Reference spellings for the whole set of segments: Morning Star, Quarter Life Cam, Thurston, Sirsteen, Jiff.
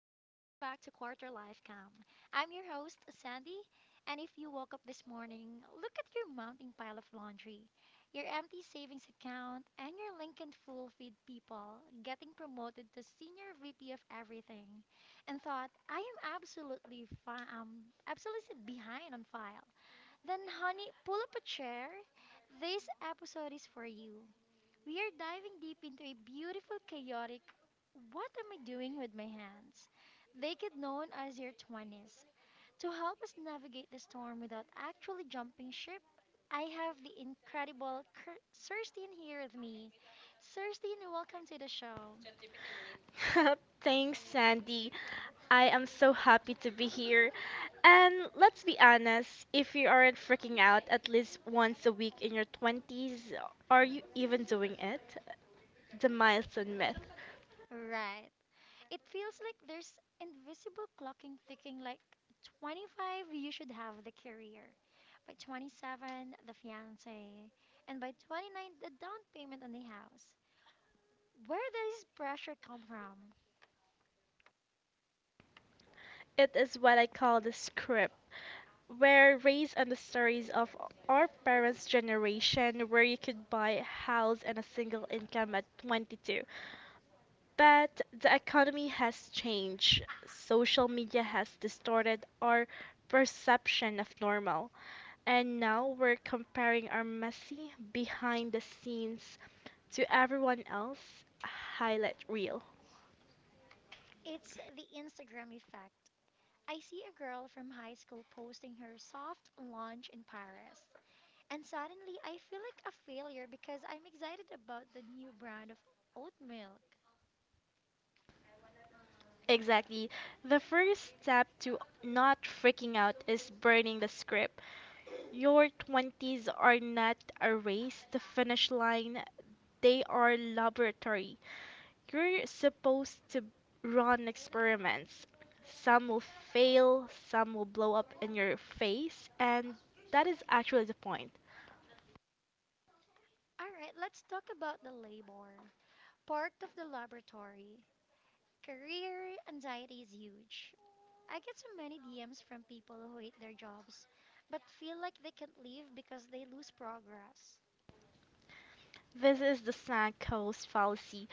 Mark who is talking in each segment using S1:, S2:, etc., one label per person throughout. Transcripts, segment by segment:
S1: to Quarter Life Cam. I'm your host, Sandy, and if you woke up this morning, look at your mounting pile of laundry, your empty savings account, and your Lincoln full feed people getting promoted to Senior VP of Everything, and thought, I am absolutely, absolutely behind on file, then, honey, pull up a chair. This episode is for you. We are diving deep into a beautiful, chaotic, what am I doing with my hands? They get known as your 20s. To help us navigate the storm without actually jumping ship, I have the incredible Sirsteen here with me. Sirsteen, welcome to the show.
S2: Thanks, Sandy. I am so happy to be here. And let's be honest, if you aren't freaking out at least once a week in your 20s, are you even doing it? The milestone myth.
S1: Right. It feels like there's invisible clocking ticking like 25 you should have the career. By 27, the fiance. And by 29, the down payment on the house. Where does pressure come from?
S2: It is what I call the script. We're raised on the stories of our parents' generation where you could buy a house and a single income at 22. But the economy has changed. Social media has distorted our perception of normal. And now we're comparing our messy behind the scenes to everyone else highlight reel.
S1: It's the Instagram effect. I see a girl from high school posting her soft launch in Paris, and suddenly I feel like a failure because I'm excited about the new brand of oat milk.
S2: Exactly. The first step to not freaking out is burning the script. Your 20s are not a race to finish line, they are laboratory. You're supposed to run experiments. Some will fail, some will blow up in your face, and that is actually the point.
S1: Alright, let's talk about the labor. Part of the laboratory. Career anxiety is huge. I get so many DMs from people who hate their jobs but feel like they can't leave because they lose progress.
S2: This is the sunk cost fallacy.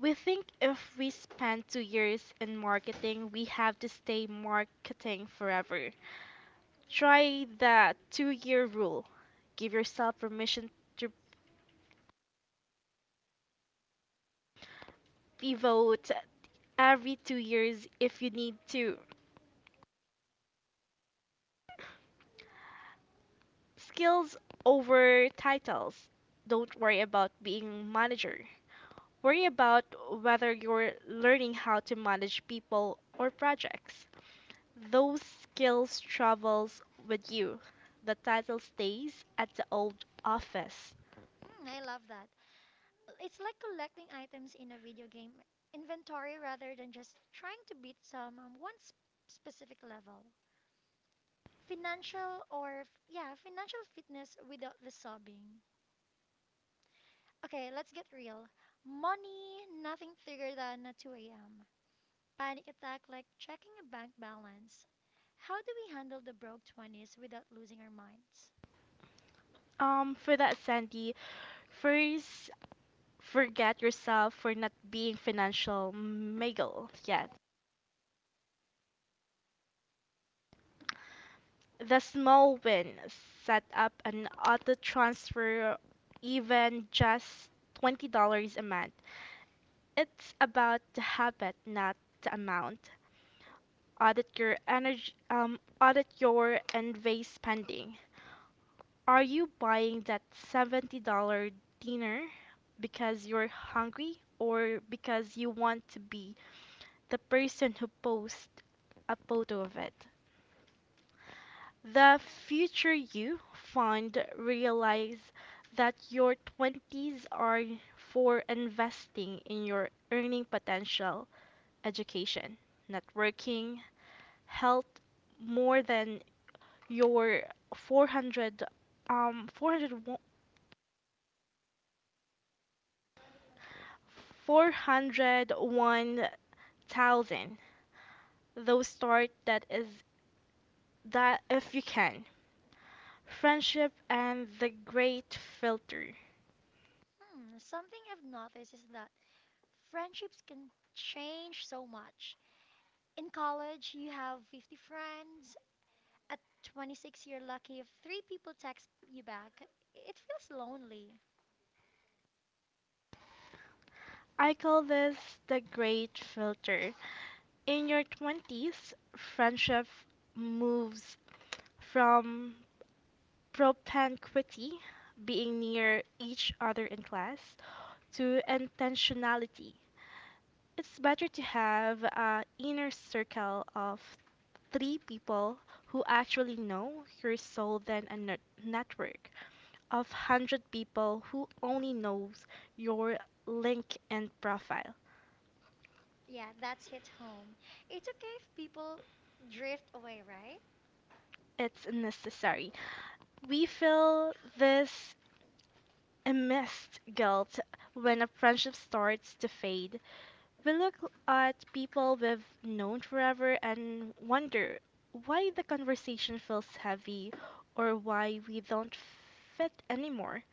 S2: We think if we spend 2 years in marketing, we have to stay marketing forever. Try the 2 year rule. Give yourself permission to pivot every 2 years if you need to. Skills over titles. Don't worry about being manager. Worry about whether you're learning how to manage people or projects. Those skills travels with you. The title stays at the old office.
S1: Hmm, I love that. It's like collecting items in a video game inventory rather than just trying to beat some specific level. Financial or yeah, financial fitness without the sobbing. Okay, let's get real. Money, nothing bigger than a 2 a.m. panic attack like checking a bank balance. How do we handle the broke 20s without losing our minds?
S2: For that, Sandy, first forget yourself for not being financial mogul yet. The small win set up an auto transfer, even just $20 a month. It's about the habit, not the amount. Audit your envy spending. Are you buying that $70 dinner because you're hungry or because you want to be the person who posts a photo of it? The future you find realize that your 20s are for investing in your earning potential, education, networking, health more than your 400 four hundred four hundred one thousand. Those start that is that if you can. Friendship and the great filter.
S1: Hmm, something I've noticed is that friendships can change so much. In college, you have 50 friends. At 26, you're lucky if three people text you back. It feels lonely.
S2: I call this the great filter. In your 20s, friendship moves from propinquity, being near each other in class, to intentionality. It's better to have an inner circle of three people who actually know your soul than a network of 100 people who only knows your link and profile.
S1: Yeah, that's hit home. It's okay if people drift away, right?
S2: It's necessary. We feel this a missed guilt when a friendship starts to fade. We look at people we've known forever and wonder why the conversation feels heavy or why we don't fit anymore.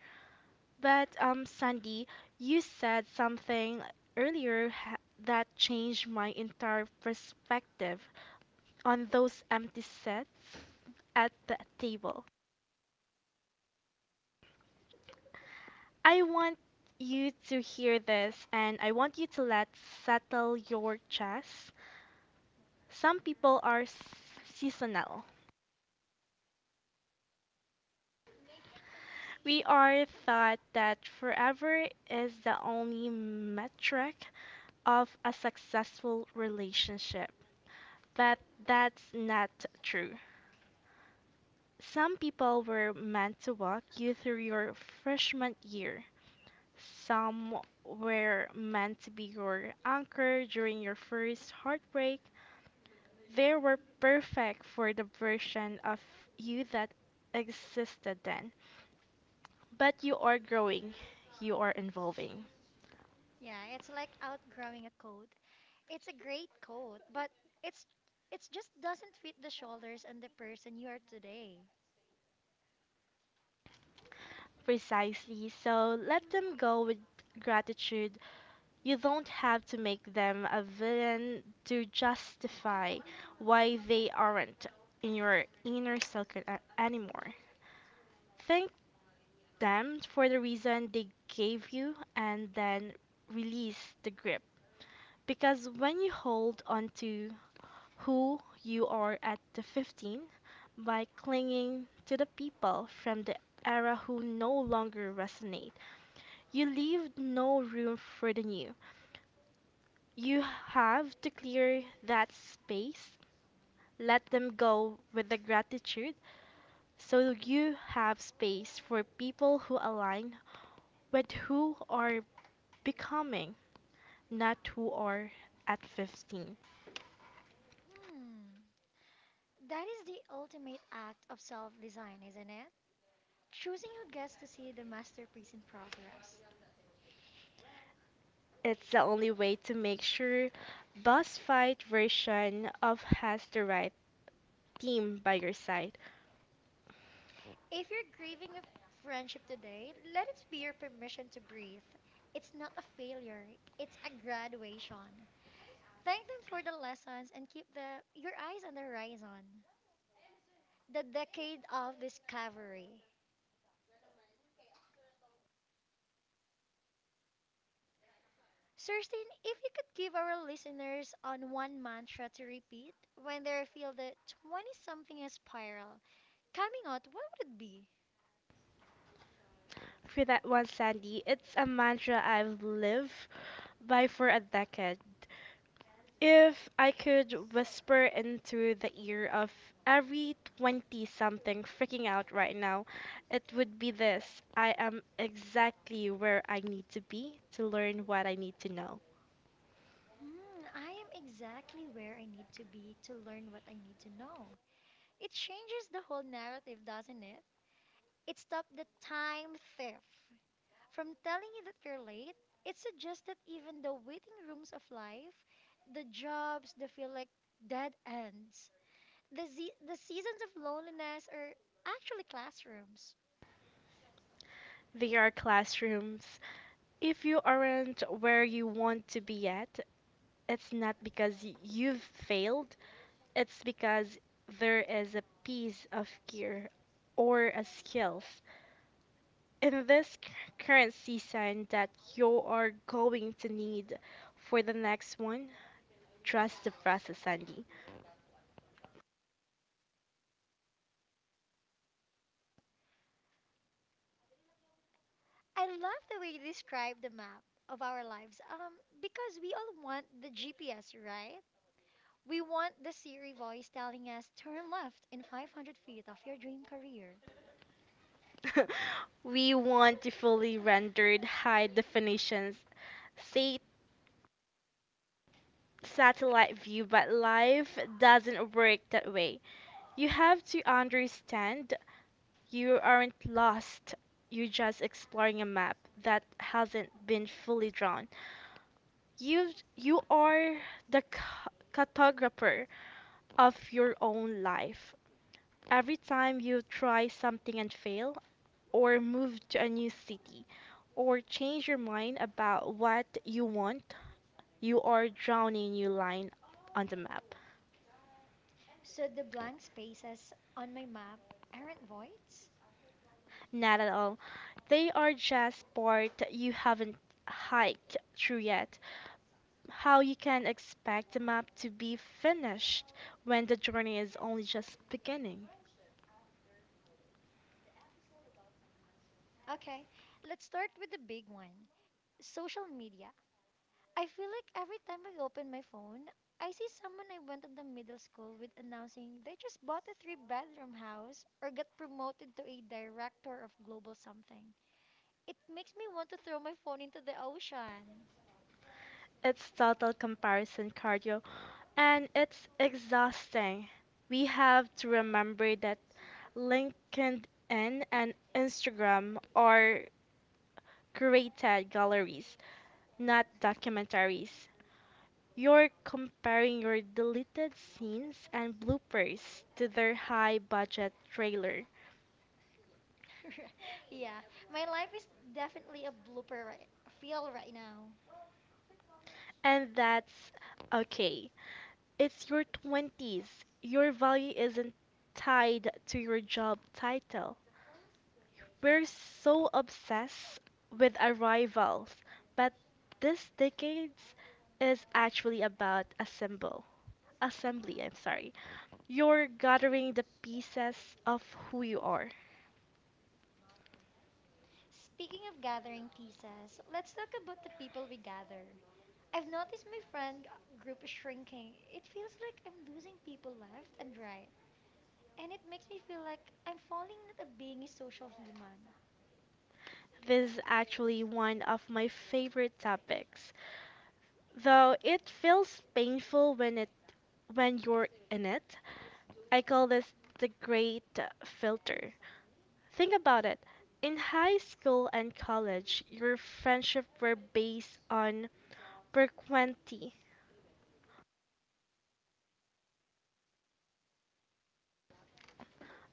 S2: But, Sandy, you said something earlier that changed my entire perspective on those empty sets at the table. I want you to hear this and I want you to let settle your chest. Some people are seasonal. We are taught that forever is the only metric of a successful relationship, but that's not true. Some people were meant to walk you through your freshman year. Some were meant to be your anchor during your first heartbreak. They were perfect for the version of you that existed then. But you are growing, you are evolving.
S1: Yeah, it's like outgrowing a coat. It's a great coat, but it's it just doesn't fit the shoulders and the person you are today.
S2: Precisely, so let them go with gratitude. You don't have to make them a villain to justify why they aren't in your inner circle anymore. Thank them for the reason they gave you and then release the grip. Because when you hold on to who you are at the 15 by clinging to the people from the era who no longer resonate, you leave no room for the new. You have to clear that space, let them go with the gratitude, so you have space for people who align with who are becoming, not who are at 15.
S1: Hmm. That is the ultimate act of self-design, isn't it? Choosing who gets to see the masterpiece in progress.
S2: It's the only way to make sure boss fight version of has the right team by your side.
S1: If you're grieving a friendship today, let it be your permission to breathe. It's not a failure, it's a graduation. Thank them for the lessons and keep the your eyes on the horizon. The decade of discovery. Thurston, if you could give our listeners on one mantra to repeat when they feel the 20 something spiral coming out, what would it be?
S2: For that one, Sandy, it's a mantra I've lived by for a decade. If I could whisper into the ear of every 20 something freaking out right now, it would be this: I am exactly where I need to be to learn what I need to know.
S1: Hmm, I am exactly where I need to be to learn what I need to know. It changes the whole narrative, doesn't it? It stopped the time thief from telling you that you're late. It suggests that even the waiting rooms of life, the jobs, the feel like dead ends, the seasons of loneliness are actually classrooms.
S2: They are classrooms. If you aren't where you want to be yet, it's not because you've failed, it's because there is a piece of gear or a skills in this current season that you are going to need for the next one. Trust the process, Sandy.
S1: I love the way you describe the map of our lives because we all want the GPS, right? We want the Siri voice telling us turn left in 500 feet of your dream career.
S2: We want to fully rendered high definitions, say satellite view, but life doesn't work that way. You have to understand you aren't lost, you're just exploring a map that hasn't been fully drawn. You you are the cartographer of your own life. Every time you try something and fail, or move to a new city, or change your mind about what you want, you are drawing a new line on the map.
S1: So the blank spaces on my map aren't voids?
S2: Not at all. They are just part you haven't hiked through yet. How you can expect the map to be finished when the journey is only just beginning.
S1: Okay, let's start with the big one social media. I feel like every time I open my phone, I see someone I went to the middle school with announcing they just bought a three-bedroom house or got promoted to a director of global something. It makes me want to throw my phone into the ocean.
S2: It's total comparison cardio and it's exhausting. We have to remember that LinkedIn and Instagram are curated galleries, not documentaries. You're comparing your deleted scenes and bloopers to their high budget trailer.
S1: Yeah, my life is definitely a blooper right, feel right now.
S2: And that's okay. It's your 20s. Your value isn't tied to your job title. We're so obsessed with arrivals, but this decade is actually about assemble. Assembly, I'm sorry. You're gathering the pieces of who you are.
S1: Speaking of gathering pieces, let's talk about the people we gather. I've noticed my group is shrinking. It feels like I'm losing people left and right. And it makes me feel like I'm falling into being a social human.
S2: This is actually one of my favorite topics, though it feels painful when you're in it. I call this the great filter. Think about it. In high school and college, your friendship were based on propinquity.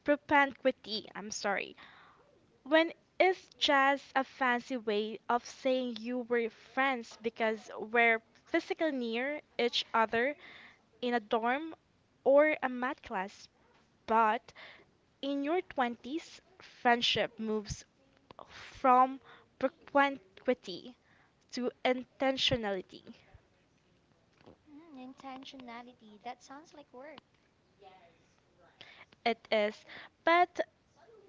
S2: Propinquity, I'm sorry. When is just a fancy way of saying you were friends because we're physically near each other in a dorm or a math class. But in your 20s, friendship moves from propinquity to intentionality.
S1: Mm, intentionality, that sounds like work.
S2: It is, but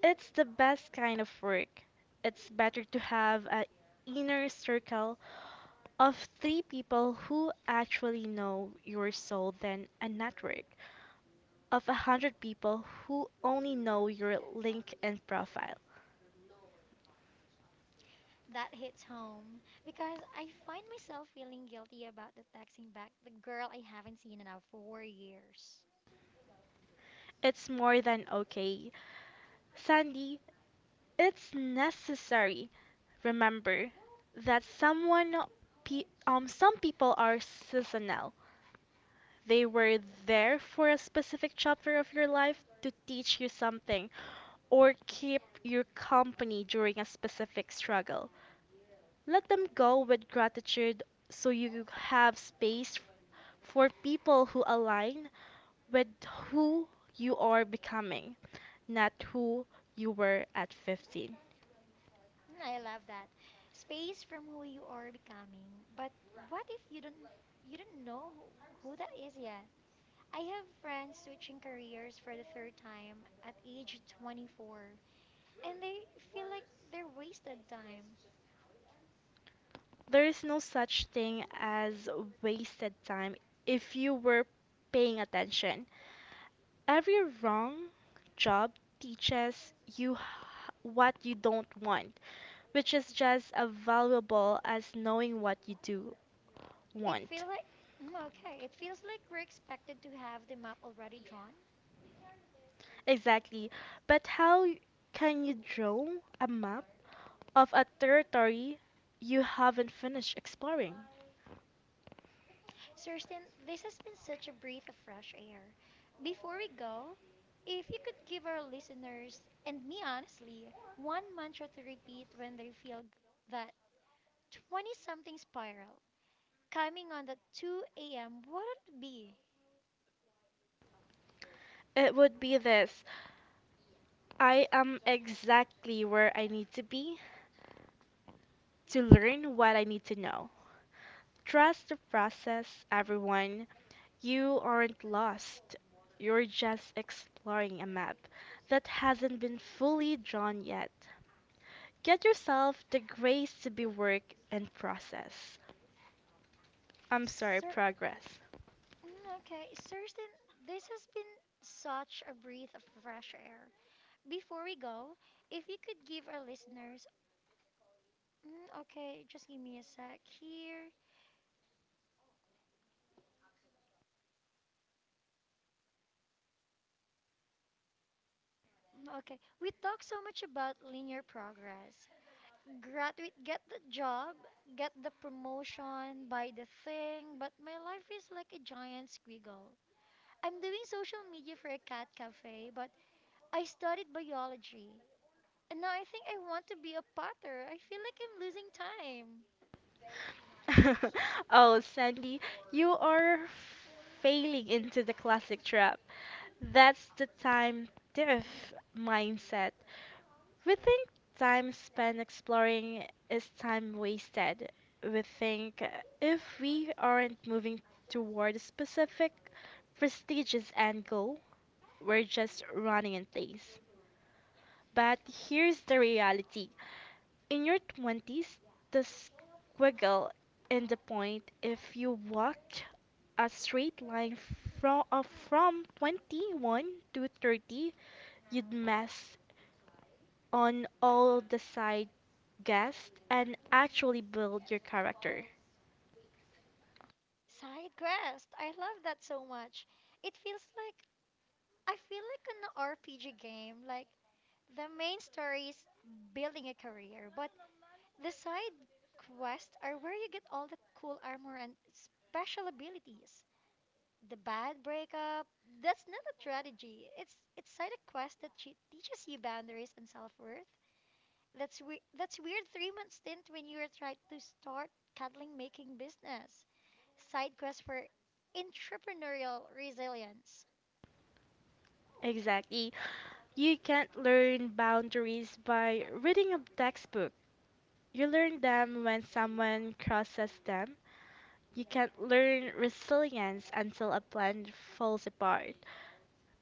S2: it's the best kind of work. It's better to have an inner circle of three people who actually know your soul than a network of 100 people who only know your LinkedIn profile.
S1: That hits home because I find myself feeling guilty about the texting back the girl I haven't seen in now for years.
S2: It's more than okay. Sandy, it's necessary. Remember that some people are seasonal. They were there for a specific chapter of your life to teach you something or keep your company during a specific struggle. Let them go with gratitude so you have space for people who align with who you are becoming, not who you were at 15.
S1: Mm, I love that. Space from who you are becoming. But what if you don't know who that is yet? I have friends switching careers for the third time at age 24 and they feel like they're wasted time.
S2: There is no such thing as wasted time if you were paying attention. Every wrong job teaches you what you don't want, which is just as valuable as knowing what you do
S1: It
S2: want.
S1: feels like okay, it feels like we're expected to have the map already drawn.
S2: Exactly. But how can you draw a map of a territory you haven't finished exploring?
S1: Susan, this has been such a breath of fresh air. Before we go, if you could give our listeners, and me honestly, one mantra to repeat when they feel that 20 something spiral coming on the 2 a.m., what would it be?
S2: It would be this: I am exactly where I need to be to learn what I need to know. Trust the process, everyone. You aren't lost. You're just exploring a map that hasn't been fully drawn yet. Get yourself the grace to be work and process. I'm sorry,
S1: Sir,
S2: progress.
S1: okay, Susan, this has been such a breath of fresh air. Before we go, if you could give our listeners, okay, just give me a sec here. Okay, we talk so much about linear progress. Graduate, get the job, get the promotion, buy the thing, but my life is like a giant squiggle. I'm doing social media for a cat cafe, but I studied biology. And now I think I want to be a potter. I feel like I'm losing time.
S2: Oh, Sandy, you are failing into the classic trap. That's the time diff mindset. We think time spent exploring is time wasted. We think if we aren't moving toward a specific prestigious end goal, we're just running in place. But here's the reality. In your 20s, the squiggle in the point, if you walked a straight line from 21 to 30, you'd mess on all the side guests and actually build your character.
S1: Side quest. I love that so much. It feels like I feel like an RPG game. Like the main story is building a career, but the side quests are where you get all the cool armor and special abilities. The bad breakup, that's not a strategy. It's side quest that teaches you boundaries and self-worth. That's weird 3 month stint when you were trying to start cuddling making business. Side quest for entrepreneurial resilience.
S2: Exactly. You can't learn boundaries by reading a textbook. You learn them when someone crosses them. You can't learn resilience until a plan falls apart.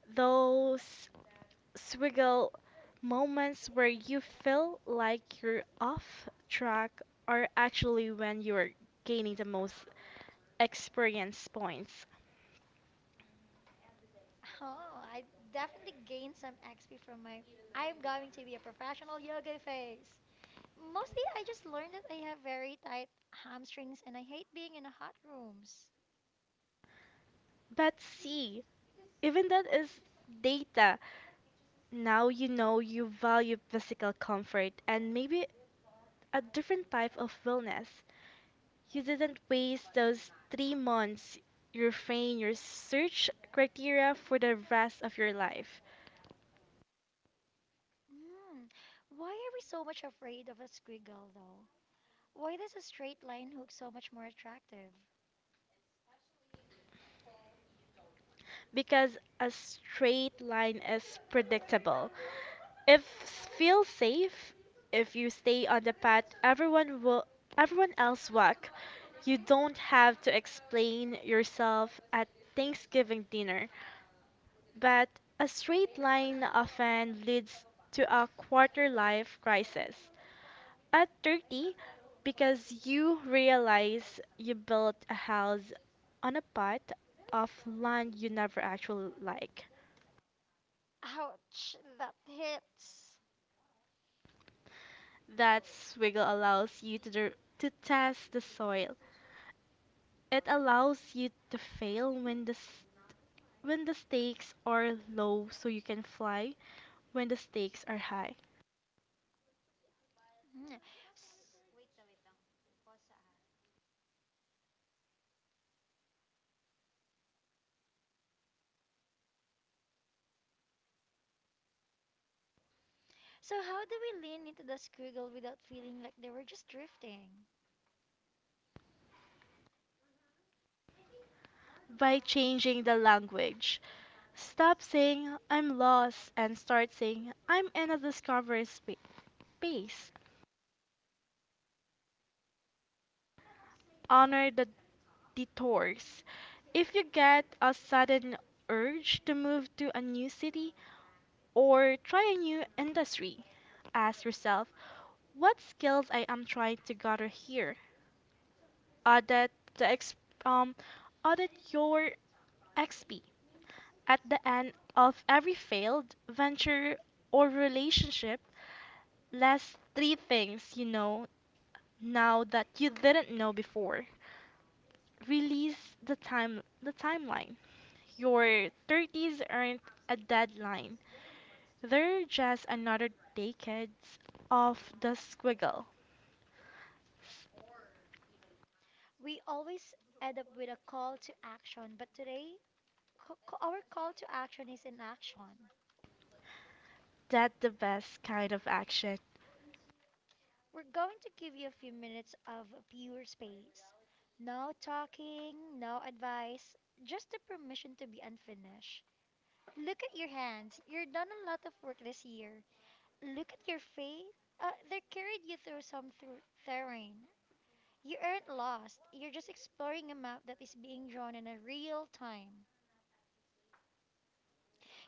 S2: Those swiggle moments where you feel like you're off track are actually when you're gaining the most experience points.
S1: Oh, I definitely gained some XP from my I'm going to be a professional yoga face. Mostly, I just learned that I have very tight hamstrings and I hate being in a hot rooms.
S2: But see, even that is data. Now you know you value physical comfort and maybe a different type of wellness. You didn't waste those 3 months refining your search criteria for the rest of your life
S1: Mm. Why are we so much afraid of a squiggle, though? Why does a straight line look so much more attractive?
S2: because a straight line is predictable. If feel safe, if you stay on the path everyone else walk, you don't have to explain yourself at Thanksgiving dinner. But a straight line often leads to a quarter life crisis at 30 because you realize you built
S1: Ouch, that hits. Mm. So, how do we lean into the squiggle without feeling like they were just drifting? We always end up with a call to action, but today, our call to action is inaction. We're going to give you a few minutes of pure space. No talking, no advice, just the permission to be unfinished. Look at your hands. You've done a lot of work this year. Look at your faith. They carried you through some through terrain. You aren't lost. You're just exploring a map that is being drawn in a real time.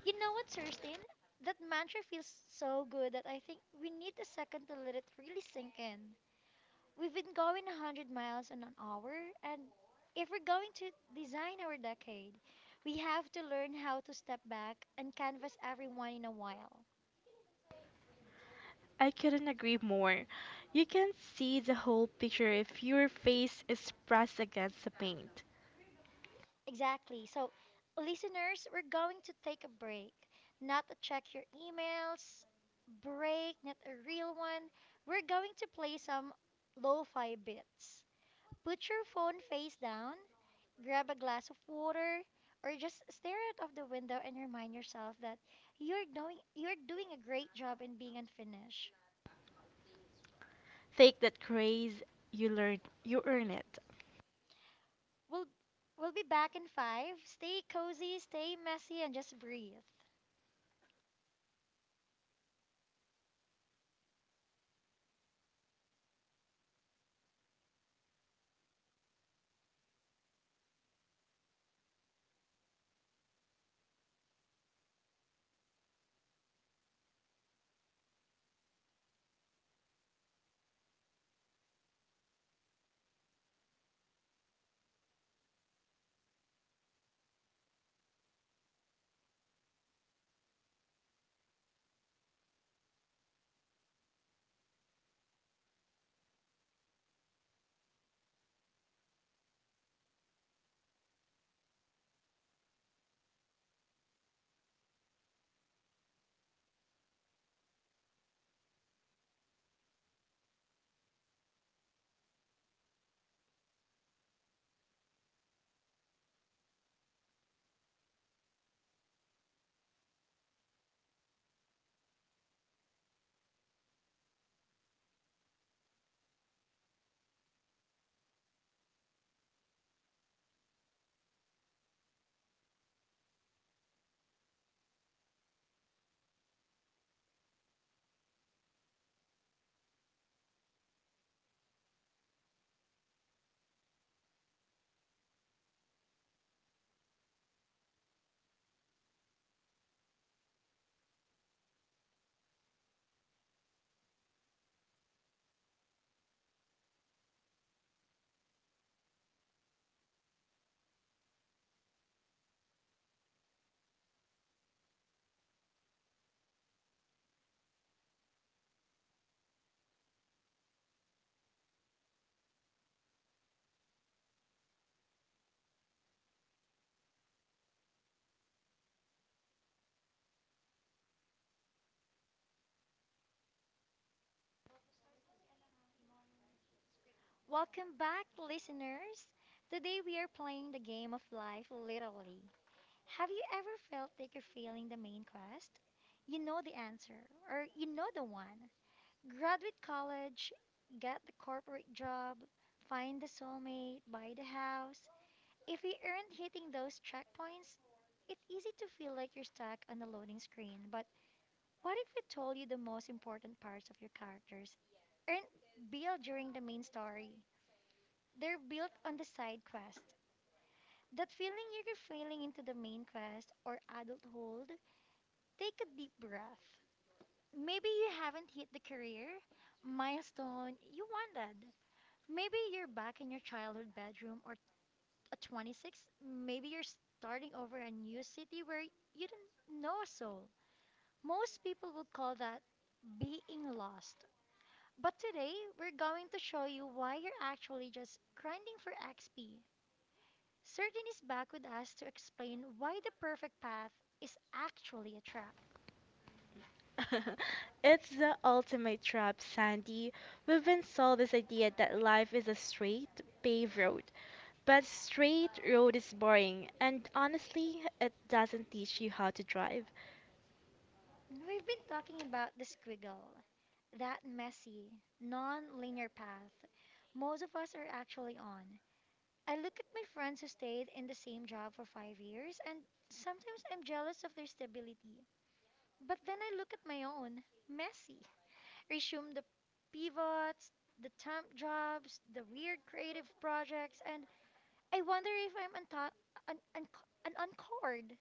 S1: You know what, Thurston? That mantra feels so good that I think we need a second to let it really sink in. We've been going 100 miles in an hour, and if we're going to design our decade, we have to learn how to step back and canvas everyone in a while. Exactly. So, listeners, we're going to take a break. Not a check your emails break, not a real one. We're going to play some lo fi bits. Put your phone face down grab a glass of water or just stare out of the window and remind yourself that you're doing a great job in being unfinished. We'll we'll be back in 5. Stay cozy, stay messy and just breathe. Welcome back listeners. Today we are playing the game of life literally. Have you ever felt like you're failing the main quest? You know the answer or you know the one. Graduate college, get the corporate job, find the soulmate, buy the house. If you aren't hitting those checkpoints, it's easy to feel like you're stuck on a loading screen. But what if we told you the most important parts of your characters aren't built during the main story? They're built on the side quest. That feeling you're failing into the main quest or adulthood, take a deep breath. Maybe you haven't hit the career milestone you wanted. Maybe you're back in your childhood bedroom or at 26, maybe you're starting over a new city where you don't know a soul. Most people would call that being lost. But today, we're going to show you why you're actually just grinding for XP. Certain is back with us to explain why the perfect path is actually a trap. We've been talking about the squiggle, that messy, non linear path most of us are actually on. I look at my friends who stayed in the same job for 5 years, and sometimes I'm jealous of their stability. But then I look at my own, messy. Resume the pivots, the temp jobs, the weird creative projects, and I wonder if I'm an uncored.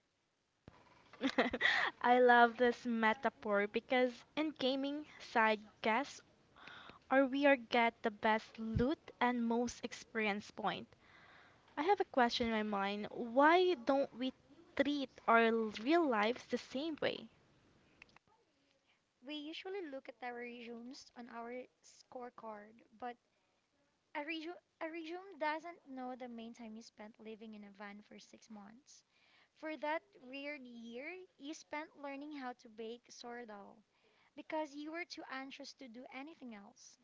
S1: We usually look at our resumes on our scorecard, but A, a resume doesn't know the main time you spent living in a van for 6 months. For that weird year, you spent learning how to bake sourdough because you were too anxious to do anything else.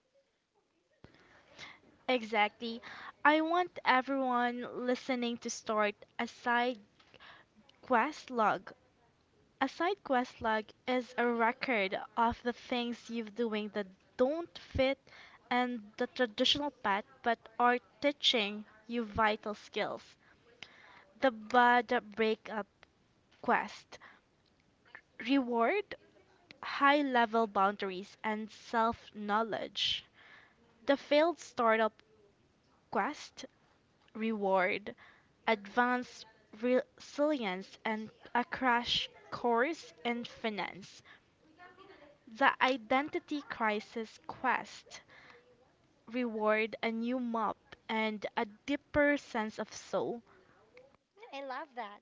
S1: I love that.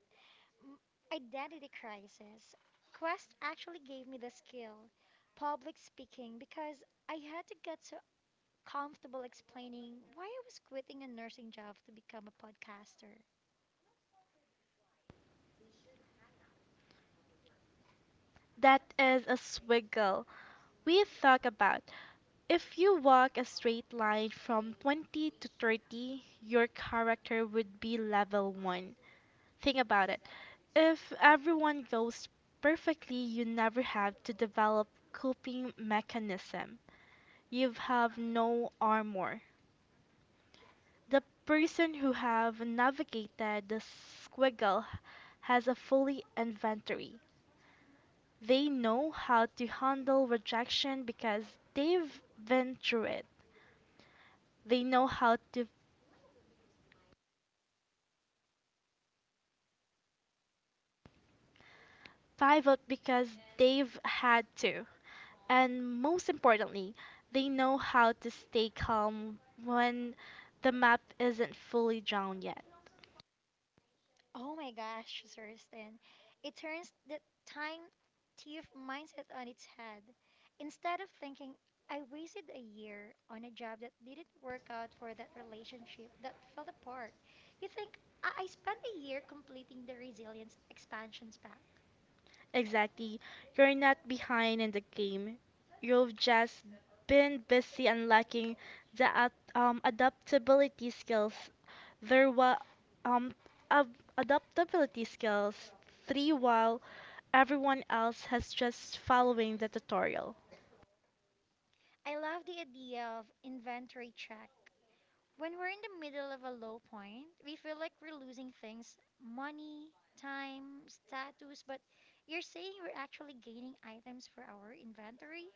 S1: M- Identity crisis. Quest actually gave me the skill, public speaking, because I had to get so comfortable explaining why I was quitting a nursing job to become a podcaster. Oh my gosh, Thurston. It turns the time thief mindset on its head. Instead of thinking, I wasted a year on a job that didn't work out for that relationship that fell apart, you think, I spent a year completing the resilience expansions pack. I love the idea of inventory check. When we're in the middle of a low point, we feel like we're losing things money, time, status, but you're saying we're actually gaining items for our inventory?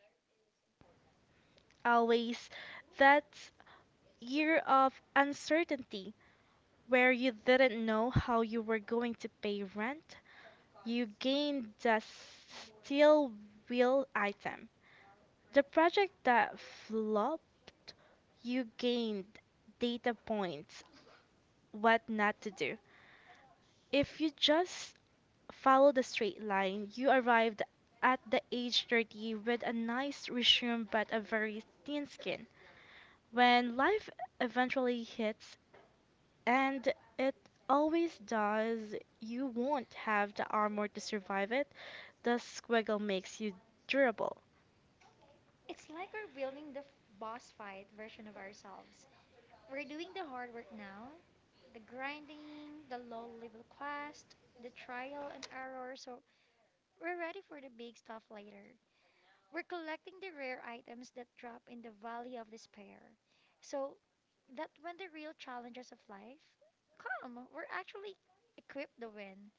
S1: It's like we're building the boss fight version of ourselves. We're doing the hard work now the grinding, the low level quest, the trial and error, so we're ready for the big stuff later. We're collecting the rare items that drop in the valley of despair. So that when the real challenges of life come, we're actually equipped to win.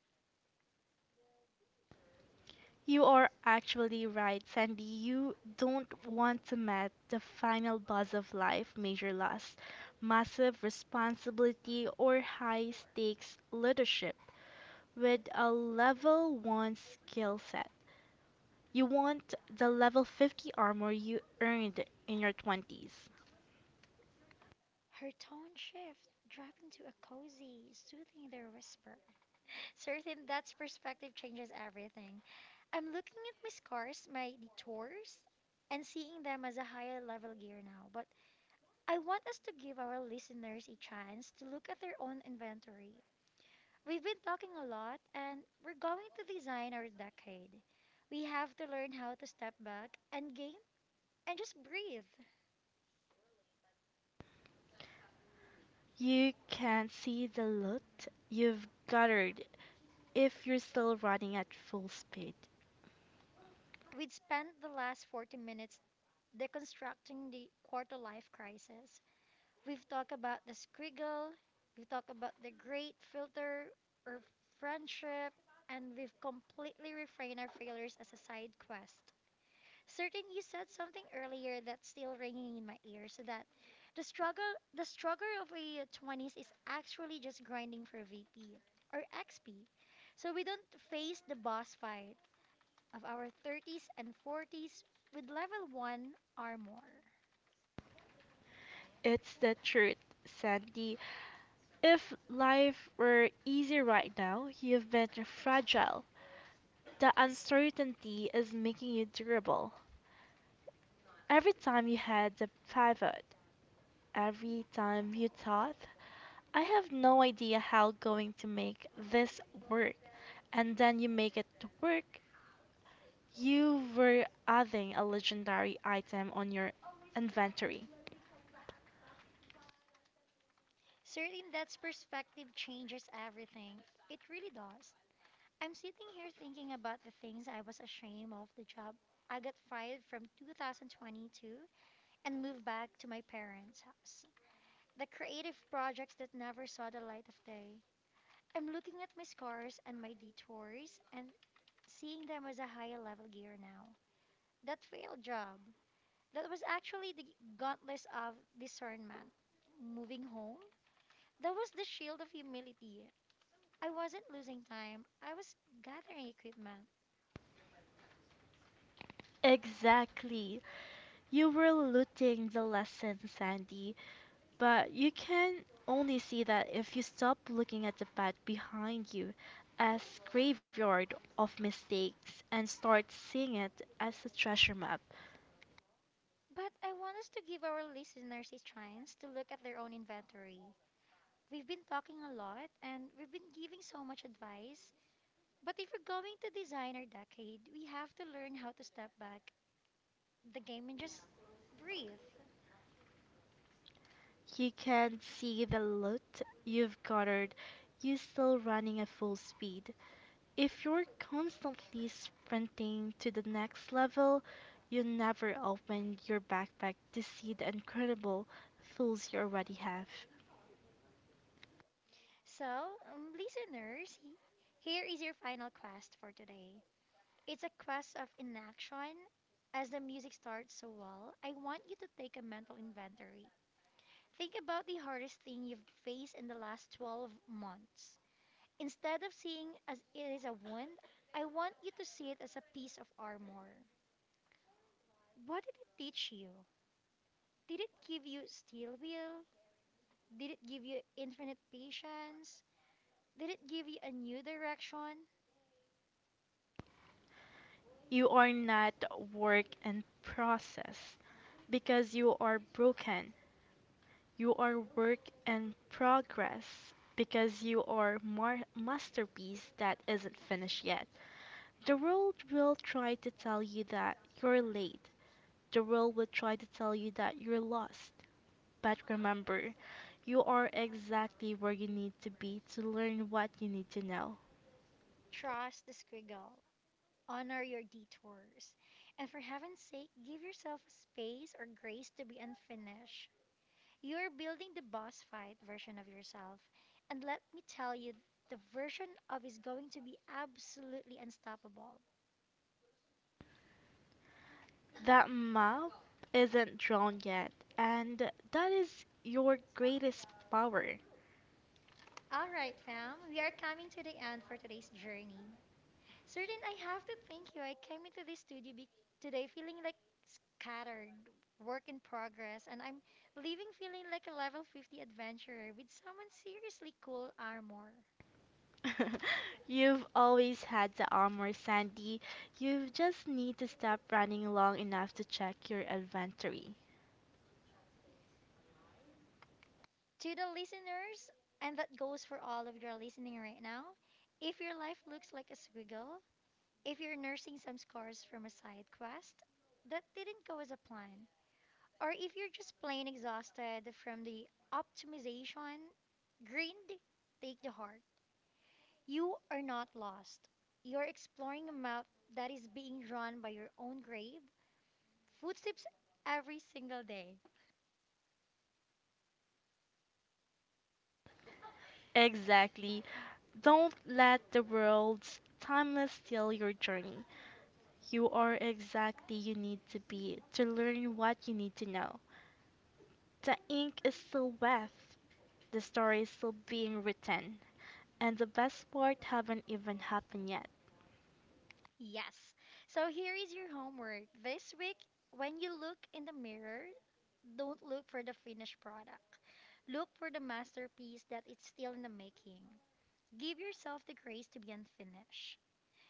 S1: Her tone shift, dropping to a cozy, soothing their whisper. Certain that's perspective changes everything. I'm looking at my scars, my detours, and seeing them as a higher level gear now. But I want us to give our listeners a chance to look at their own inventory. We've been talking a lot, and we're going to design our decade. We have to learn how to step back and game and just breathe. We'd spent the last 40 minutes deconstructing the quarter life crisis. We've talked about the squiggle, we've talked about the great filter or friendship, and we've completely reframed our failures as a side quest. Certain you said something earlier that's still ringing in my ears that the struggle the struggle of a 20s is actually just grinding for VP or XP. So we don't face the boss fight of our 30s and 40s with level 1 armor. Certain that's perspective changes everything. It really does. I'm sitting here thinking about the things I was ashamed of the job I got fired from 2022 and moved back to my parents' house. The creative projects that never saw the light of day. I'm looking at my scars and my detours and seeing them as a higher level gear now. That failed job, that was actually the gauntlet of discernment. Moving home, that was the shield of humility. I wasn't losing time, I was gathering equipment. But I want us to give our listeners a chance to look at their own inventory. We've been talking a lot and we've been giving so much advice, but if we're going to design our decade, we have to learn how to step back the game and just breathe. So, listeners, here is your final quest for today. It's a quest of inaction. As the music starts so well, I want you to take a mental inventory. Think about the hardest thing you've faced in the last 12 months. Instead of seeing as it is a wound, I want you to see it as a piece of armor. What did it teach you? Did it give you steel will? Did it give you infinite patience? Did it give you a new direction? Trust the squiggle. Honor your detours. And for heaven's sake, give yourself a space or grace to be unfinished. You are building the boss fight version of yourself. And let me tell you, the version of is going to be absolutely unstoppable. All right, fam, we are coming to the end for today's journey. Certain, I have to thank you. I came into this studio today feeling like scattered, work in progress, and I'm leaving feeling like a level 50 adventurer with someone seriously cool armor. To the listeners, and that goes for all of your listening right now, if your life looks like a squiggle, if you're nursing some scars from a side quest that didn't go as a plan, or if you're just plain exhausted from the optimization, grind, take the heart. You are not lost. You are exploring a map that is being drawn by your own grave footsteps every single day. Yes. So here is your homework. This week, when you look in the mirror, don't look for the finished product. Look for the masterpiece that is still in the making. Give yourself the grace to be unfinished.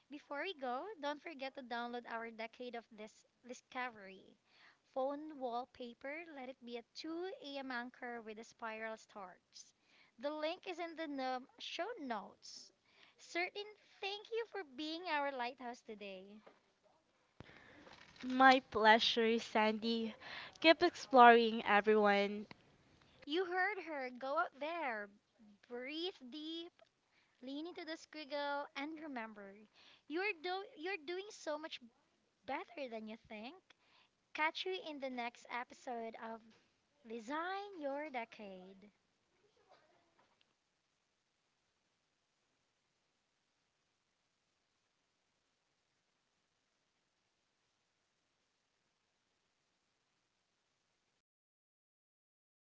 S1: Before we go, don't forget to download our Decade of This Discovery. Phone wallpaper, let it be a 2 a.m. anchor with a spiral starts. The link is in the show notes. Certain, thank you for being our lighthouse today. You heard her. Go out there, breathe deep, lean into the squiggle, and remember, you're doing so much better than you think. Catch you in the next episode of Design your decade.